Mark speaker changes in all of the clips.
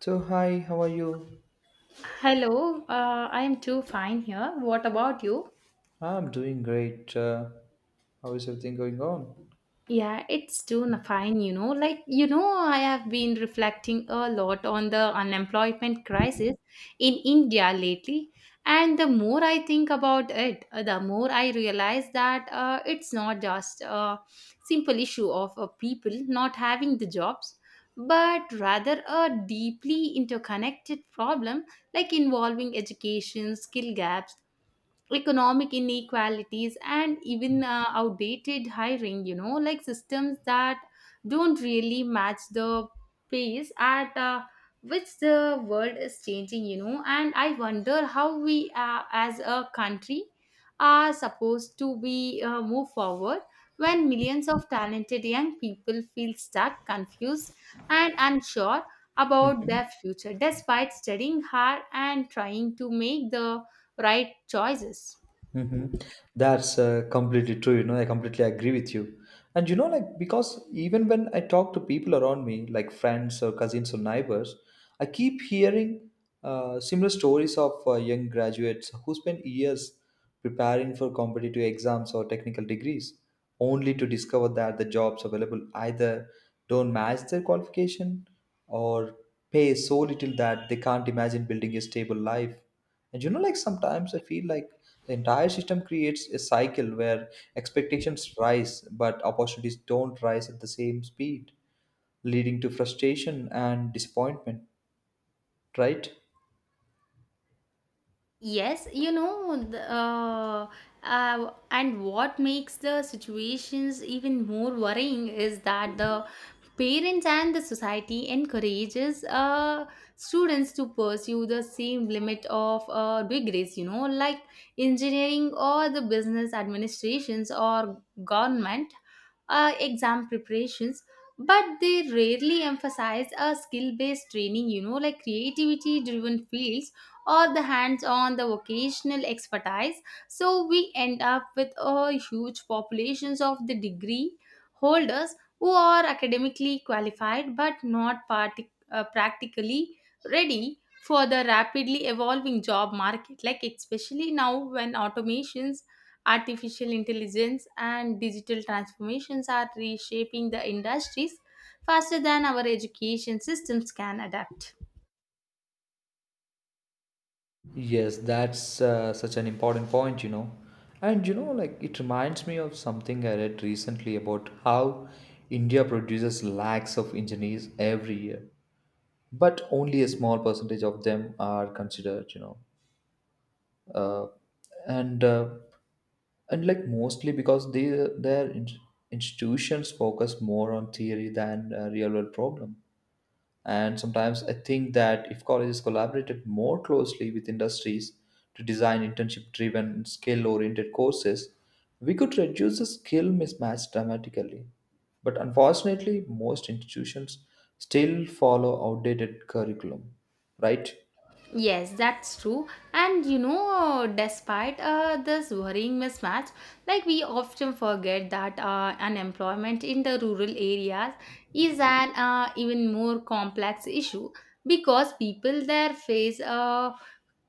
Speaker 1: So, hi, how are you?
Speaker 2: Hello, I am too fine here. What about you?
Speaker 1: I'm doing great. How is everything going on?
Speaker 2: Yeah, it's fine, you know. I have been reflecting a lot on the unemployment crisis in India lately. And the more I think about it, the more I realize that it's not just a simple issue of people not having the jobs, but rather a deeply interconnected problem like involving education, skill gaps, economic inequalities, and even outdated hiring, like systems that don't really match the pace at which the world is changing, and I wonder how we, as a country, are supposed to be move forward when millions of talented young people feel stuck, confused, and unsure about their future despite studying hard and trying to make the right choices.
Speaker 1: Hmm. That's completely true. You know, I completely agree with you. And you know, like, because even when I talk to people around me, like friends or cousins or neighbors, I keep hearing similar stories of young graduates who spend years preparing for competitive exams or technical degrees, only to discover that the jobs available either don't match their qualification or pay so little that they can't imagine building a stable life. And you know, like sometimes I feel like the entire system creates a cycle where expectations rise, but opportunities don't rise at the same speed, leading to frustration and disappointment, right?
Speaker 2: Yes, you know, and what makes the situations even more worrying is that the parents and the society encourages students to pursue the same limit of degrees, you know, like engineering or the business administrations or government exam preparations. But they rarely emphasize a skill based training, you know, like creativity driven fields or the hands on the vocational expertise. So we end up with a huge populations of the degree holders who are academically qualified but not practically ready for the rapidly evolving job market, like especially now when automations, artificial intelligence, and digital transformations are reshaping the industries faster than our education systems can adapt.
Speaker 1: Yes, that's such an important point, you know. And you know, like it reminds me of something I read recently about how India produces lakhs of engineers every year, but only a small percentage of them are considered, you know. Uh, and uh, and like mostly because they their in- institutions focus more on theory than real world problem. And sometimes I think that if colleges collaborated more closely with industries to design internship driven skill oriented courses, we could reduce the skill mismatch dramatically, but unfortunately most institutions still follow outdated curriculum, right?
Speaker 2: Yes, that's true. And you know, despite this worrying mismatch, like we often forget that unemployment in the rural areas is an even more complex issue because people there face uh,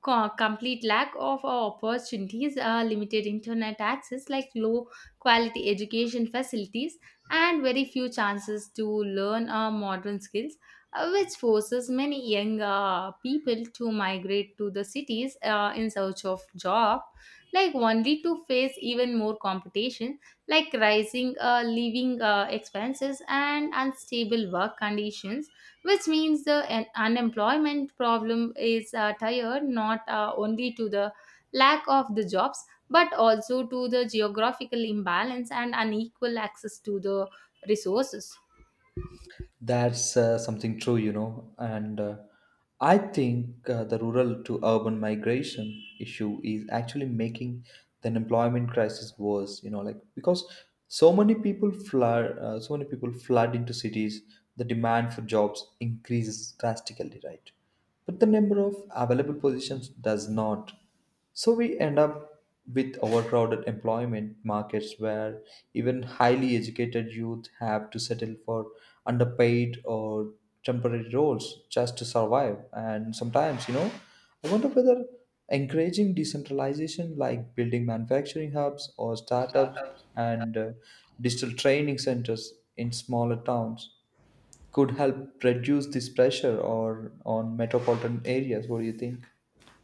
Speaker 2: co- complete lack of opportunities, limited internet access, like low quality education facilities, and very few chances to learn modern skills, which forces many young people to migrate to the cities in search of job, like only to face even more competition, like rising living expenses and unstable work conditions, which means the unemployment problem is tied not only to the lack of the jobs but also to the geographical imbalance and unequal access to the resources.
Speaker 1: That's something true, you know. And I think the rural to urban migration issue is actually making the employment crisis worse, you know, like because so many people flood into cities. The demand for jobs increases drastically, right? But the number of available positions does not. So we end up with overcrowded employment markets where even highly educated youth have to settle for underpaid or temporary roles just to survive. And sometimes, you know, I wonder whether encouraging decentralization like building manufacturing hubs or startups and digital training centers in smaller towns could help reduce this pressure or on metropolitan areas. What do you think?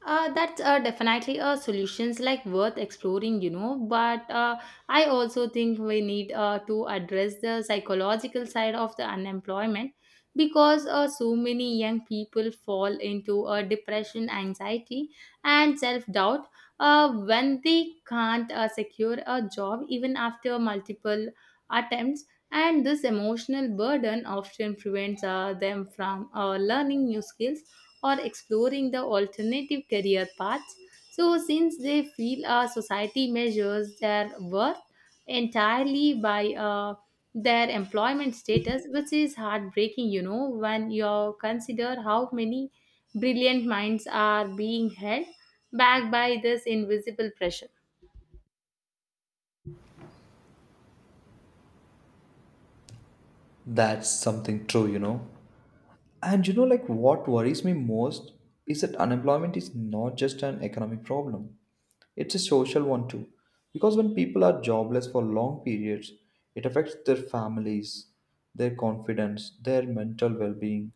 Speaker 2: That's definitely a solutions like worth exploring, you know. But I also think we need to address the psychological side of the unemployment, because so many young people fall into depression, anxiety, and self doubt when they can't secure a job even after multiple attempts. And this emotional burden often prevents them from learning new skills or exploring the alternative career paths. So, since they feel our society measures their worth entirely by their employment status, which is heartbreaking, you know, when you consider how many brilliant minds are being held back by this invisible pressure.
Speaker 1: That's something true, you know. And you know, like what worries me most is that unemployment is not just an economic problem, it's a social one too. Because when people are jobless for long periods, it affects their families, their confidence, their mental well being,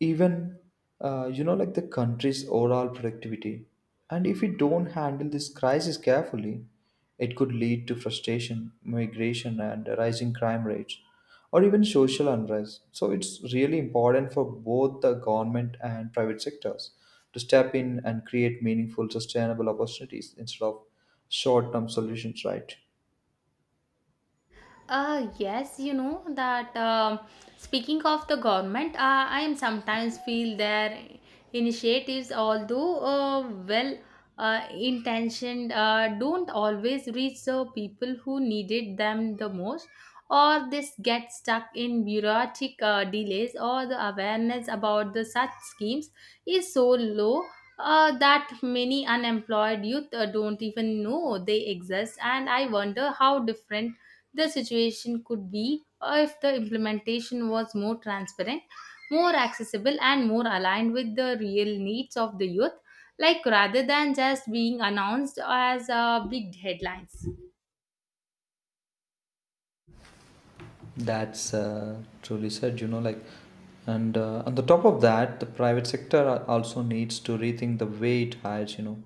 Speaker 1: even you know like the country's overall productivity. And if we don't handle this crisis carefully, it could lead to frustration migration and rising crime rates or even social unrest. So it's really important for both the government and private sectors to step in and create meaningful sustainable opportunities instead of short term solutions, right?
Speaker 2: Yes, you know that speaking of the government, I am sometimes feel their initiatives, although well intentioned, don't always reach the people who needed them the most, or this get stuck in bureaucratic delays, or the awareness about the such schemes is so low. That many unemployed youth don't even know they exist, and I wonder how different the situation could be if the implementation was more transparent, more accessible, and more aligned with the real needs of the youth, like rather than just being announced as big headlines.
Speaker 1: That's truly said, you know, like, and on the top of that, the private sector also needs to rethink the way it hires, you know,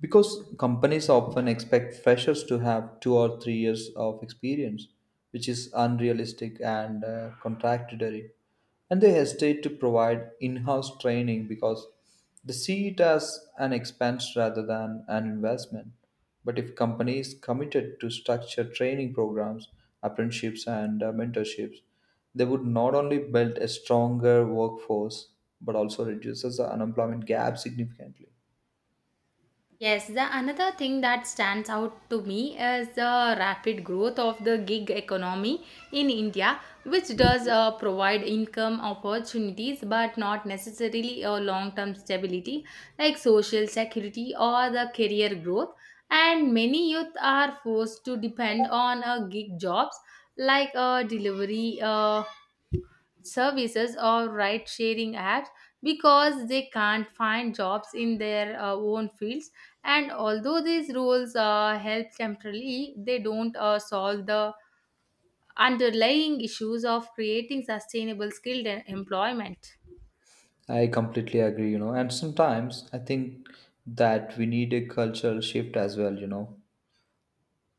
Speaker 1: because companies often expect freshers to have 2 or 3 years of experience, which is unrealistic and contradictory. And they hesitate to provide in-house training because they see it as an expense rather than an investment. But if companies committed to structured training programs, apprenticeships, and mentorships, they would not only build a stronger workforce but also reduces the unemployment gap significantly.
Speaker 2: Yes, the another thing that stands out to me is the rapid growth of the gig economy in India, which does provide income opportunities but not necessarily a long term stability like social security or the career growth. And many youth are forced to depend on gig jobs like delivery. Services or ride sharing apps because they can't find jobs in their own fields. And although these rules help temporarily, they don't solve the underlying issues of creating sustainable skilled employment.
Speaker 1: I completely agree, you know, and sometimes I think that we need a cultural shift as well, you know,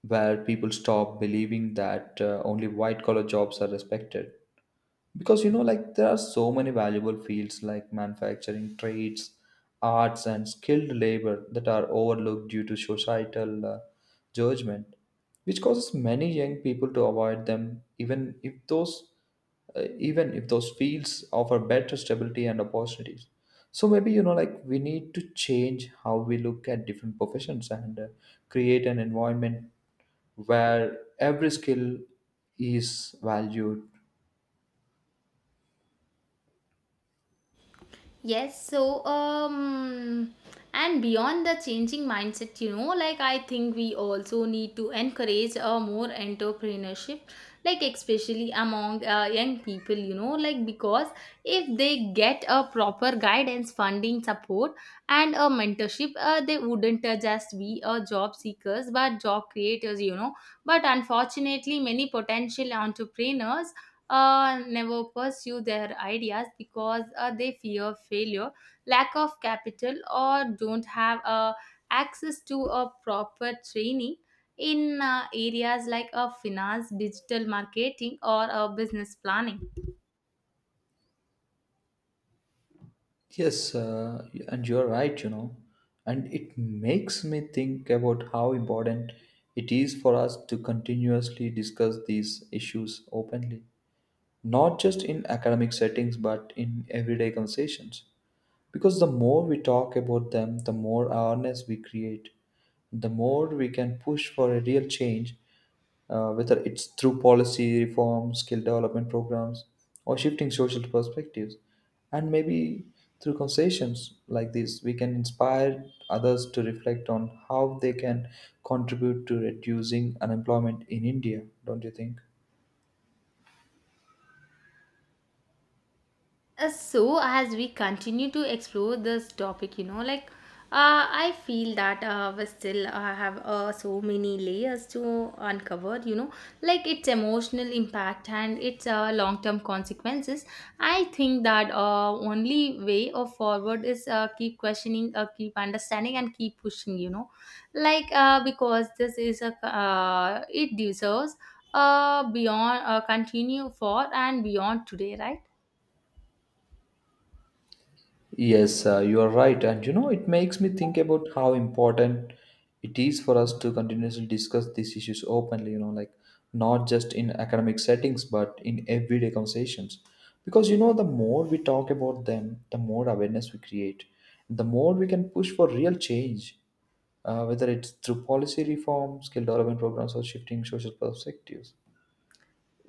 Speaker 1: where people stop believing that only white collar jobs are respected, because you know like there are so many valuable fields like manufacturing trades, arts and skilled labor that are overlooked due to societal judgment, which causes many young people to avoid them even if those fields offer better stability and opportunities. So maybe, you know, like we need to change how we look at different professions and create an environment where every skill is valued.
Speaker 2: Yes, so and beyond the changing mindset, you know, like I think we also need to encourage a more entrepreneurship, like especially among young people, you know, like because if they get a proper guidance, funding, support, and a mentorship, they wouldn't just be job seekers but job creators, you know. But unfortunately, many potential entrepreneurs never pursue their ideas because they fear failure, lack of capital, or don't have access to a proper training in areas like finance, digital marketing, or business planning.
Speaker 1: Yes, and you're right, you know, and it makes me think about how important it is for us to continuously discuss these issues openly, not just in academic settings but in everyday conversations. Because the more we talk about them, the more awareness we create, the more we can push for a real change, whether it's through policy reform, skill development programs, or shifting social perspectives. And maybe through conversations like this, we can inspire others to reflect on how they can contribute to reducing unemployment in India, don't you think?
Speaker 2: So as we continue to explore this topic, like I feel that we still have so many layers to uncover, you know, like its emotional impact and its long term consequences. I think that only way of forward is keep questioning, keep understanding, and keep pushing, you know, because this is a it deserves beyond continue for and beyond today, right?
Speaker 1: Yes, you are right. And you know, it makes me think about how important it is for us to continuously discuss these issues openly, you know, like not just in academic settings, but in everyday conversations. Because you know, the more we talk about them, the more awareness we create, the more we can push for real change, whether it's through policy reform, skill development programs, or shifting social perspectives.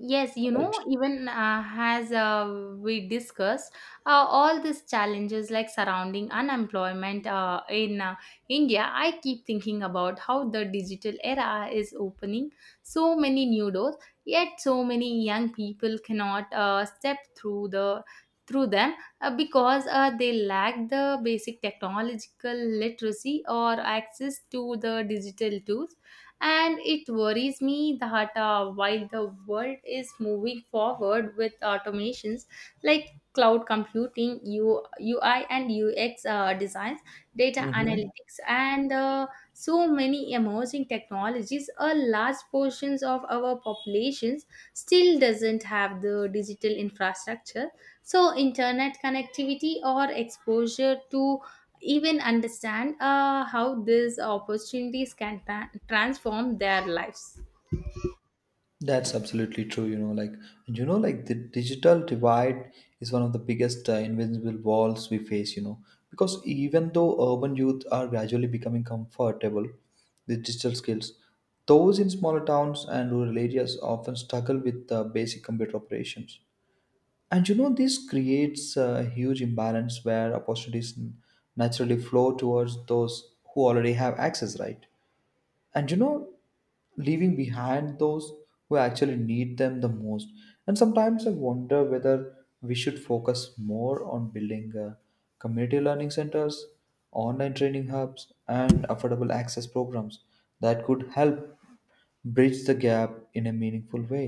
Speaker 2: Yes, you know,
Speaker 1: Right.
Speaker 2: even as we discussed, all these challenges like surrounding unemployment in India, I keep thinking about how the digital era is opening so many new doors, yet so many young people cannot step through the through them because they lack the basic technological literacy or access to the digital tools. And it worries me that while the world is moving forward with automations like cloud computing, UI and UX designs, data
Speaker 1: Mm-hmm.
Speaker 2: analytics, and so many emerging technologies, a large portions of our populations still doesn't have the digital infrastructure, so internet connectivity or exposure to even understand how these opportunities can transform their lives.
Speaker 1: That's absolutely true. You know, like the digital divide is one of the biggest invisible walls we face. You know, because even though urban youth are gradually becoming comfortable with digital skills, those in smaller towns and rural areas often struggle with basic computer operations. And you know, this creates a huge imbalance where opportunities naturally flow towards those who already have access, right? And you know, leaving behind those who actually need them the most. And sometimes I wonder whether we should focus more on building community learning centers, online training hubs and affordable access programs that could help bridge the gap in a meaningful way.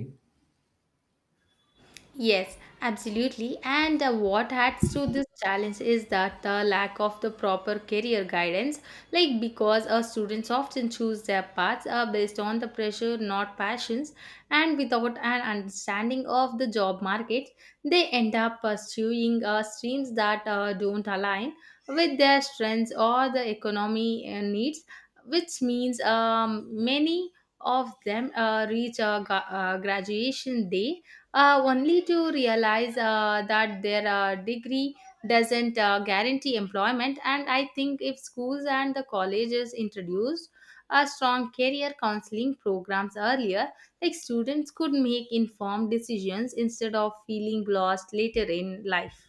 Speaker 2: Yes, absolutely. And what adds to this challenge is that the lack of the proper career guidance, like because students often choose their paths based on the pressure, not passions, and without an understanding of the job market, they end up pursuing streams that don't align with their strengths or the economy needs, which means many of them reach graduation day only to realize that their degree doesn't guarantee employment. And I think if schools and the colleges introduced a strong career counseling programs earlier, like students could make informed decisions instead of feeling lost later in life.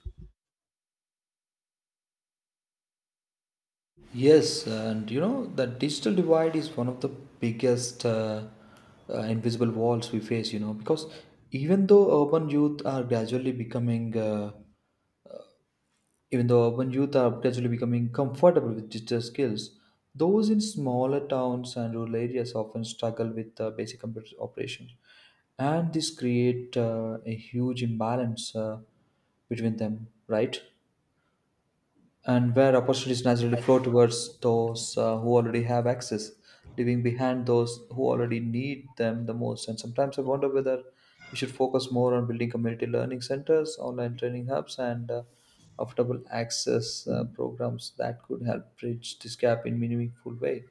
Speaker 1: Yes, and you know, the digital divide is one of the biggest invisible walls we face, you know, because even though urban youth are gradually becoming uh, Even though urban youth are gradually becoming comfortable with digital skills, those in smaller towns and rural areas often struggle with basic computer operations, and this create a huge imbalance between them. Right? And where opportunities naturally flow towards those who already have access, leaving behind those who already need them the most. And sometimes I wonder whether we should focus more on building community learning centers, online training hubs, and affordable access programs that could help bridge this gap in meaningful way.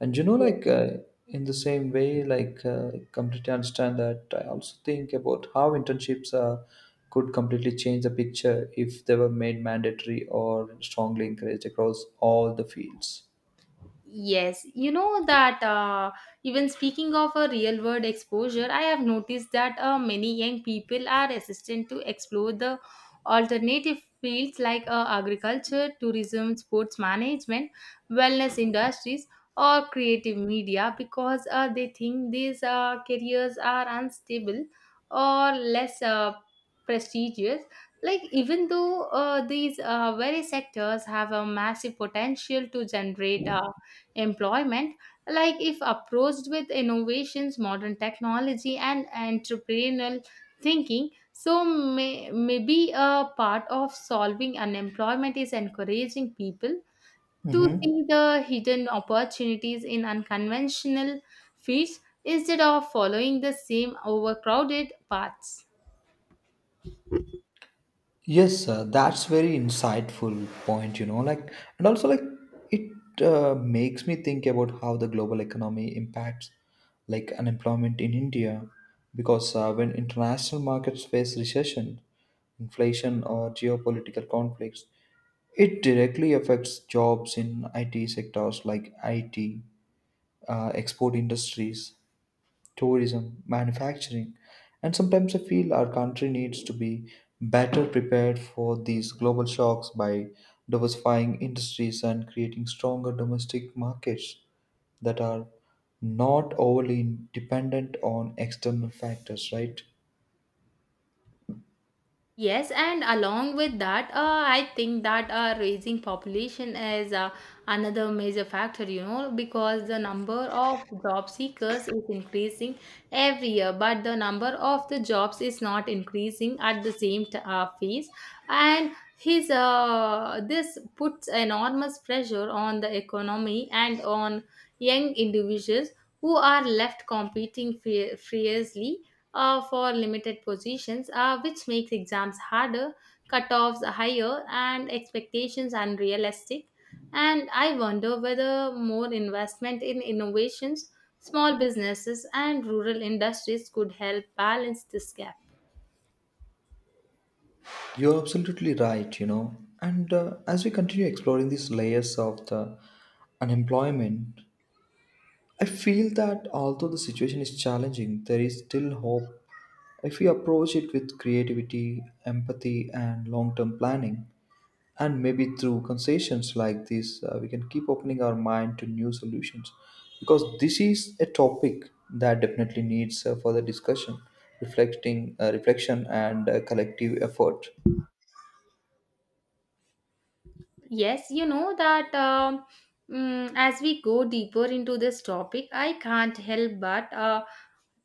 Speaker 1: And you know, like in the same way, like I completely understand that. I also think about how internships could completely change the picture if they were made mandatory or strongly encouraged across all the fields.
Speaker 2: Yes, you know that even speaking of a real world exposure, I have noticed that many young people are resistant to explore the alternative fields like agriculture, tourism, sports management, wellness industries, or creative media because they think these careers are unstable or less prestigious. Like, even though these very sectors have a massive potential to generate. Employment, like if approached with innovations, modern technology, and entrepreneurial thinking. So maybe a part of solving unemployment is encouraging people to
Speaker 1: Hmm.
Speaker 2: see the hidden opportunities in unconventional fields instead of following the same overcrowded paths.
Speaker 1: Yes, sir, that's very insightful point, you know, like and also like it makes me think about how the global economy impacts like unemployment in India, because when international markets face recession, inflation or geopolitical conflicts, it directly affects jobs in IT sectors like IT, export industries, tourism, manufacturing, and sometimes I feel our country needs to be better prepared for these global shocks by diversifying industries and creating stronger domestic markets that are not overly dependent on external factors, right?
Speaker 2: Yes, and along with that, I think that raising population is another major factor, you know, because the number of job seekers is increasing every year, but the number of the jobs is not increasing at the same phase. And this puts enormous pressure on the economy and on young individuals who are left competing fiercely for limited positions, which makes exams harder, cutoffs higher, and expectations unrealistic. And I wonder whether more investment in innovations, small businesses, and rural industries could help balance this gap.
Speaker 1: You're absolutely right, you know. And as we continue exploring these layers of the unemployment, I feel that although the situation is challenging, there is still hope if we approach it with creativity, empathy, and long term planning. And maybe through concessions like this, we can keep opening our mind to new solutions. Because this is a topic that definitely needs further discussion, reflection, and collective effort.
Speaker 2: Yes, you know that as we go deeper into this topic, I can't help but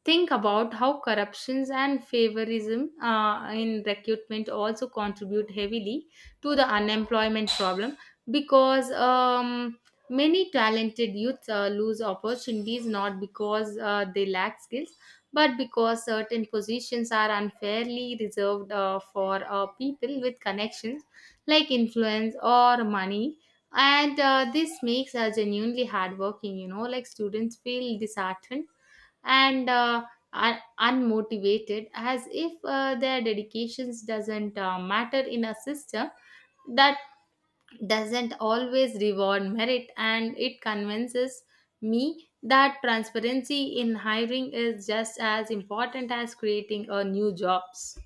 Speaker 2: think about how corruptions and favorism in recruitment also contribute heavily to the unemployment problem because many talented youths lose opportunities not because they lack skills but because certain positions are unfairly reserved for people with connections like influence or money. And this makes us genuinely hardworking, like students, feel disheartened and unmotivated, as if their dedications doesn't matter in a system that doesn't always reward merit. And it convinces me that transparency in hiring is just as important as creating a new jobs.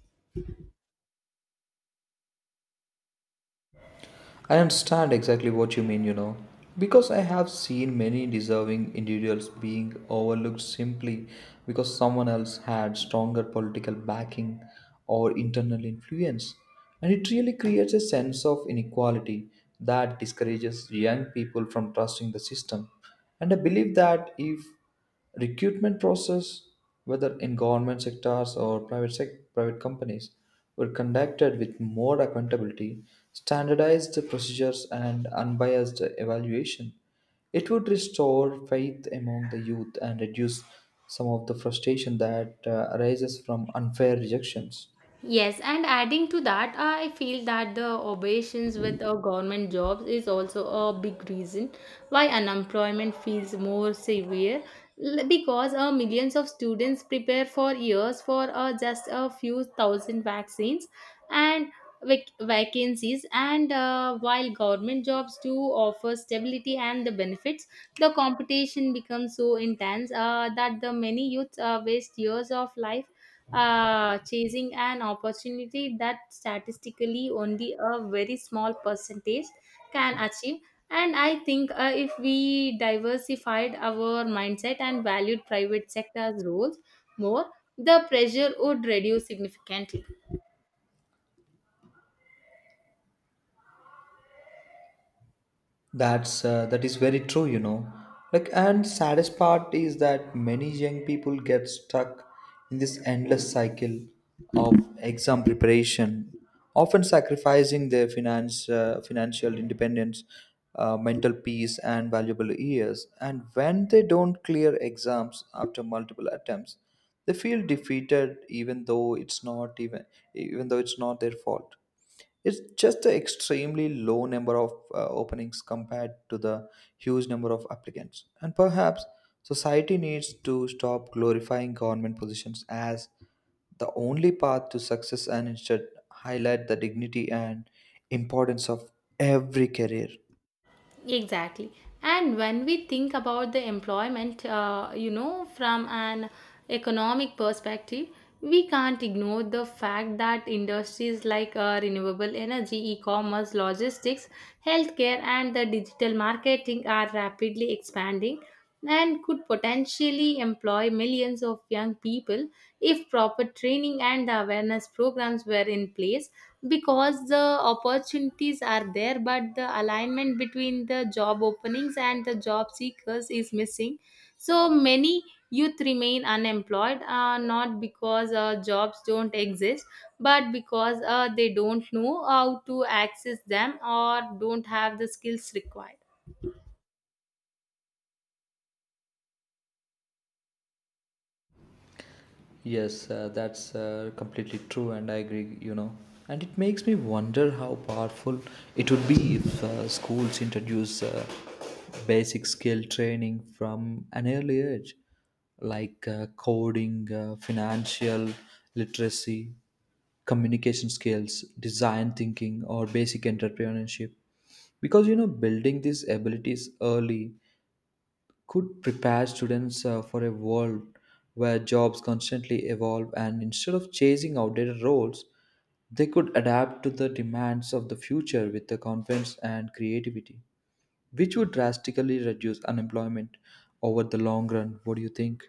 Speaker 1: I understand exactly what you mean, you know, because I have seen many deserving individuals being overlooked simply because someone else had stronger political backing or internal influence. And it really creates a sense of inequality that discourages young people from trusting the system. And I believe that if recruitment process, whether in government sectors or private companies, were conducted with more accountability, standardized procedures, and unbiased evaluation, it would restore faith among the youth and reduce some of the frustration that arises from unfair rejections.
Speaker 2: Yes, and adding to that, I feel that the obligations with government jobs is also a big reason why unemployment feels more severe, because millions of students prepare for years for just a few thousand vaccines and vacancies. And while government jobs do offer stability and the benefits, the competition becomes so intense that the many youths waste years of life chasing an opportunity that statistically only a very small percentage can achieve. And I think if we diversified our mindset and valued private sector's roles more, the pressure would reduce significantly.
Speaker 1: That is very true, you know. Like, and saddest part is that many young people get stuck in this endless cycle of exam preparation, often sacrificing their financial independence, mental peace, and valuable years. And when they don't clear exams after multiple attempts, they feel defeated, even though it's not their fault. It's just an extremely low number of openings compared to the huge number of applicants. And perhaps society needs to stop glorifying government positions as the only path to success and instead highlight the dignity and importance of every career.
Speaker 2: Exactly. And when we think about the employment, from an economic perspective, we can't ignore the fact that industries like renewable energy, e commerce, logistics, healthcare, and the digital marketing are rapidly expanding and could potentially employ millions of young people if proper training and awareness programs were in place, because the opportunities are there but the alignment between the job openings and the job seekers is missing. So many youth remain unemployed, not because jobs don't exist, but because they don't know how to access them or don't have the skills required.
Speaker 1: Yes, that's completely true, and I agree, you know. And it makes me wonder how powerful it would be if schools introduce basic skill training from an early age, like coding, financial literacy, communication skills, design thinking, or basic entrepreneurship. Because, you know, building these abilities early could prepare students for a world where jobs constantly evolve, and instead of chasing outdated roles, they could adapt to the demands of the future with the confidence and creativity, which would drastically reduce unemployment over the long run. What do you think?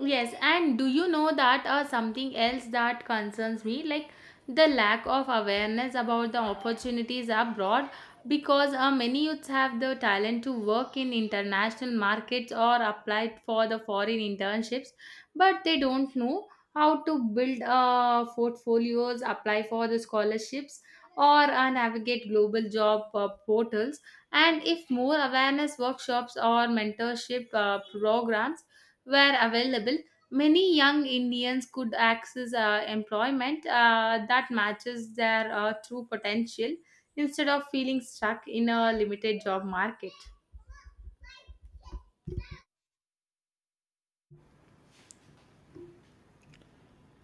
Speaker 2: Yes, and do you know that something else that concerns me, like the lack of awareness about the opportunities abroad, because many youths have the talent to work in international markets or applied for the foreign internships, but they don't know how to build portfolios, apply for the scholarships, or navigate global job portals. And if more awareness workshops or mentorship programs were available, many young Indians could access employment that matches their true potential instead of feeling stuck in a limited job market.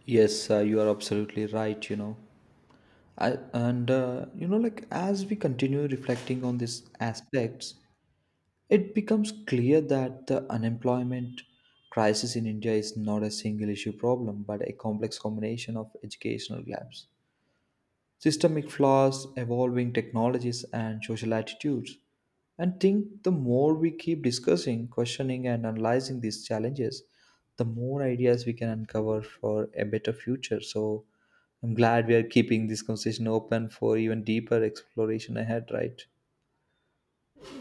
Speaker 1: Yes, you are absolutely right, you know. You know, like as we continue reflecting on these aspects, it becomes clear that the unemployment crisis in India is not a single issue problem but a complex combination of educational gaps, systemic flaws, evolving technologies, and social attitudes. And think the more we keep discussing, questioning, and analyzing these challenges, the more ideas we can uncover for a better future. So I'm glad we are keeping this conversation open for even deeper exploration ahead, right?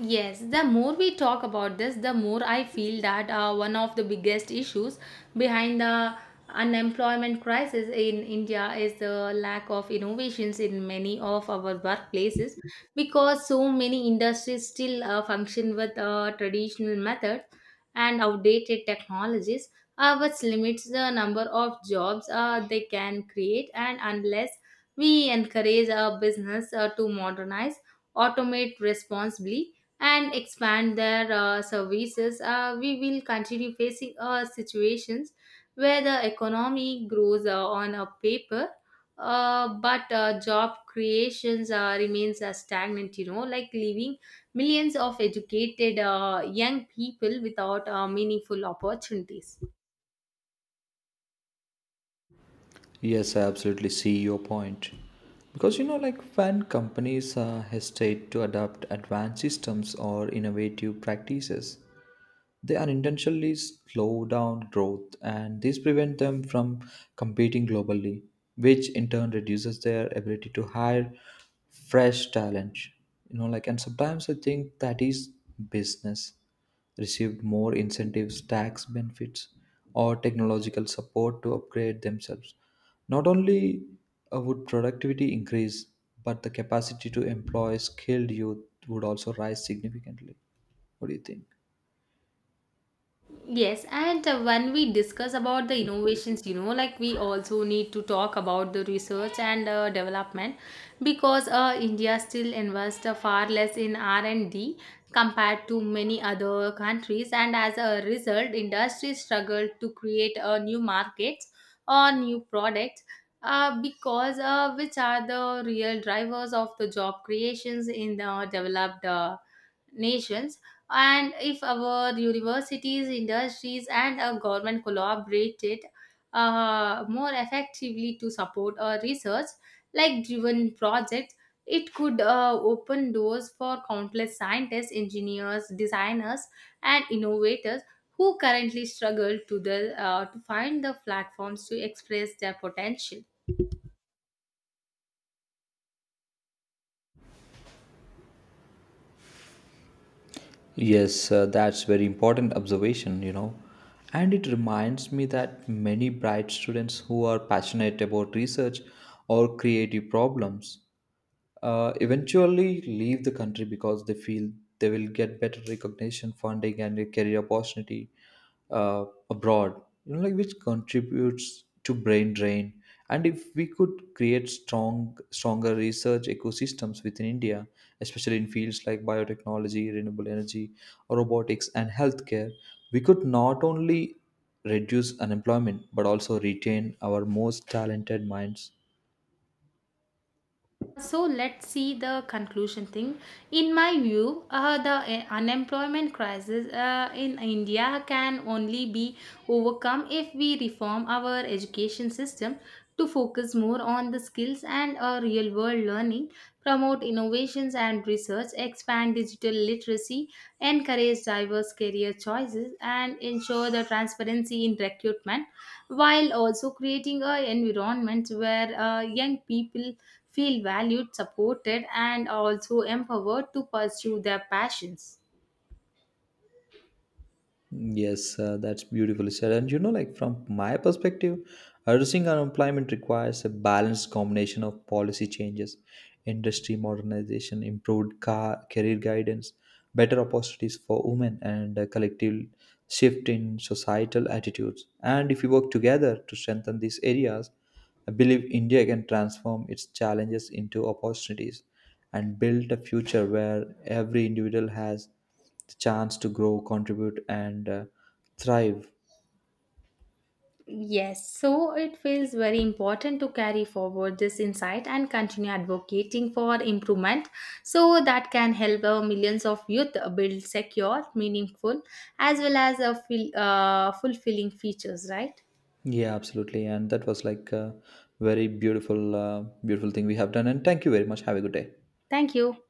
Speaker 2: Yes, the more we talk about this, the more I feel that one of the biggest issues behind the unemployment crisis in India is the lack of innovations in many of our workplaces, because so many industries still function with traditional methods and outdated technologies, which limits the number of jobs they can create. And unless we encourage our business to modernize, automate responsibly, and expand their services, we will continue facing situations where the economy grows on a paper, but job creations remains stagnant, you know, like leaving millions of educated young people without meaningful opportunities.
Speaker 1: Yes, I absolutely see your point. Because you know, like when companies hesitate to adopt advanced systems or innovative practices, they unintentionally slow down growth, and this prevents them from competing globally, which in turn reduces their ability to hire fresh talent. You know, like, and sometimes I think that is business received more incentives, tax benefits, or technological support to upgrade themselves, not only would productivity increase, but the capacity to employ skilled youth would also rise significantly. What do you think?
Speaker 2: Yes, and when we discuss about the innovations, you know, like we also need to talk about the research and development, because India still invests far less in R&D compared to many other countries, and as a result, industries struggle to create new markets or new products, because which are the real drivers of the job creations in the developed nations. And if our universities, industries and our government collaborated more effectively to support our research, like driven projects, it could open doors for countless scientists, engineers, designers and innovators who currently struggle to find the platforms to express their potential.
Speaker 1: Yes, that's very important observation, you know. And it reminds me that many bright students who are passionate about research or creative problems eventually leave the country because they feel they will get better recognition, funding, and a career opportunity uh, abroad. You know, like which contributes to brain drain. And if we could create stronger research ecosystems within India, especially in fields like biotechnology, renewable energy, robotics, and healthcare, we could not only reduce unemployment but also retain our most talented minds.
Speaker 2: So let's see the conclusion thing. In my view, the unemployment crisis in India can only be overcome if we reform our education system to focus more on the skills and real world learning, promote innovations and research, expand digital literacy, encourage diverse career choices and ensure the transparency in recruitment, while also creating an environment where young people feel valued, supported and also empowered to pursue their passions.
Speaker 1: Yes, that's beautifully said. And you know, like from my perspective, reducing unemployment requires a balanced combination of policy changes, industry modernization, career guidance, better opportunities for women, and a collective shift in societal attitudes. And if we work together to strengthen these areas, I believe India can transform its challenges into opportunities and build a future where every individual has the chance to grow, contribute, and thrive.
Speaker 2: Yes, so it feels very important to carry forward this insight and continue advocating for improvement, so that can help our millions of youth build secure, meaningful, as well as a feel, fulfilling futures, right?
Speaker 1: Yeah, absolutely. And that was like a beautiful thing we have done. And thank you very much. Have a good day.
Speaker 2: Thank you.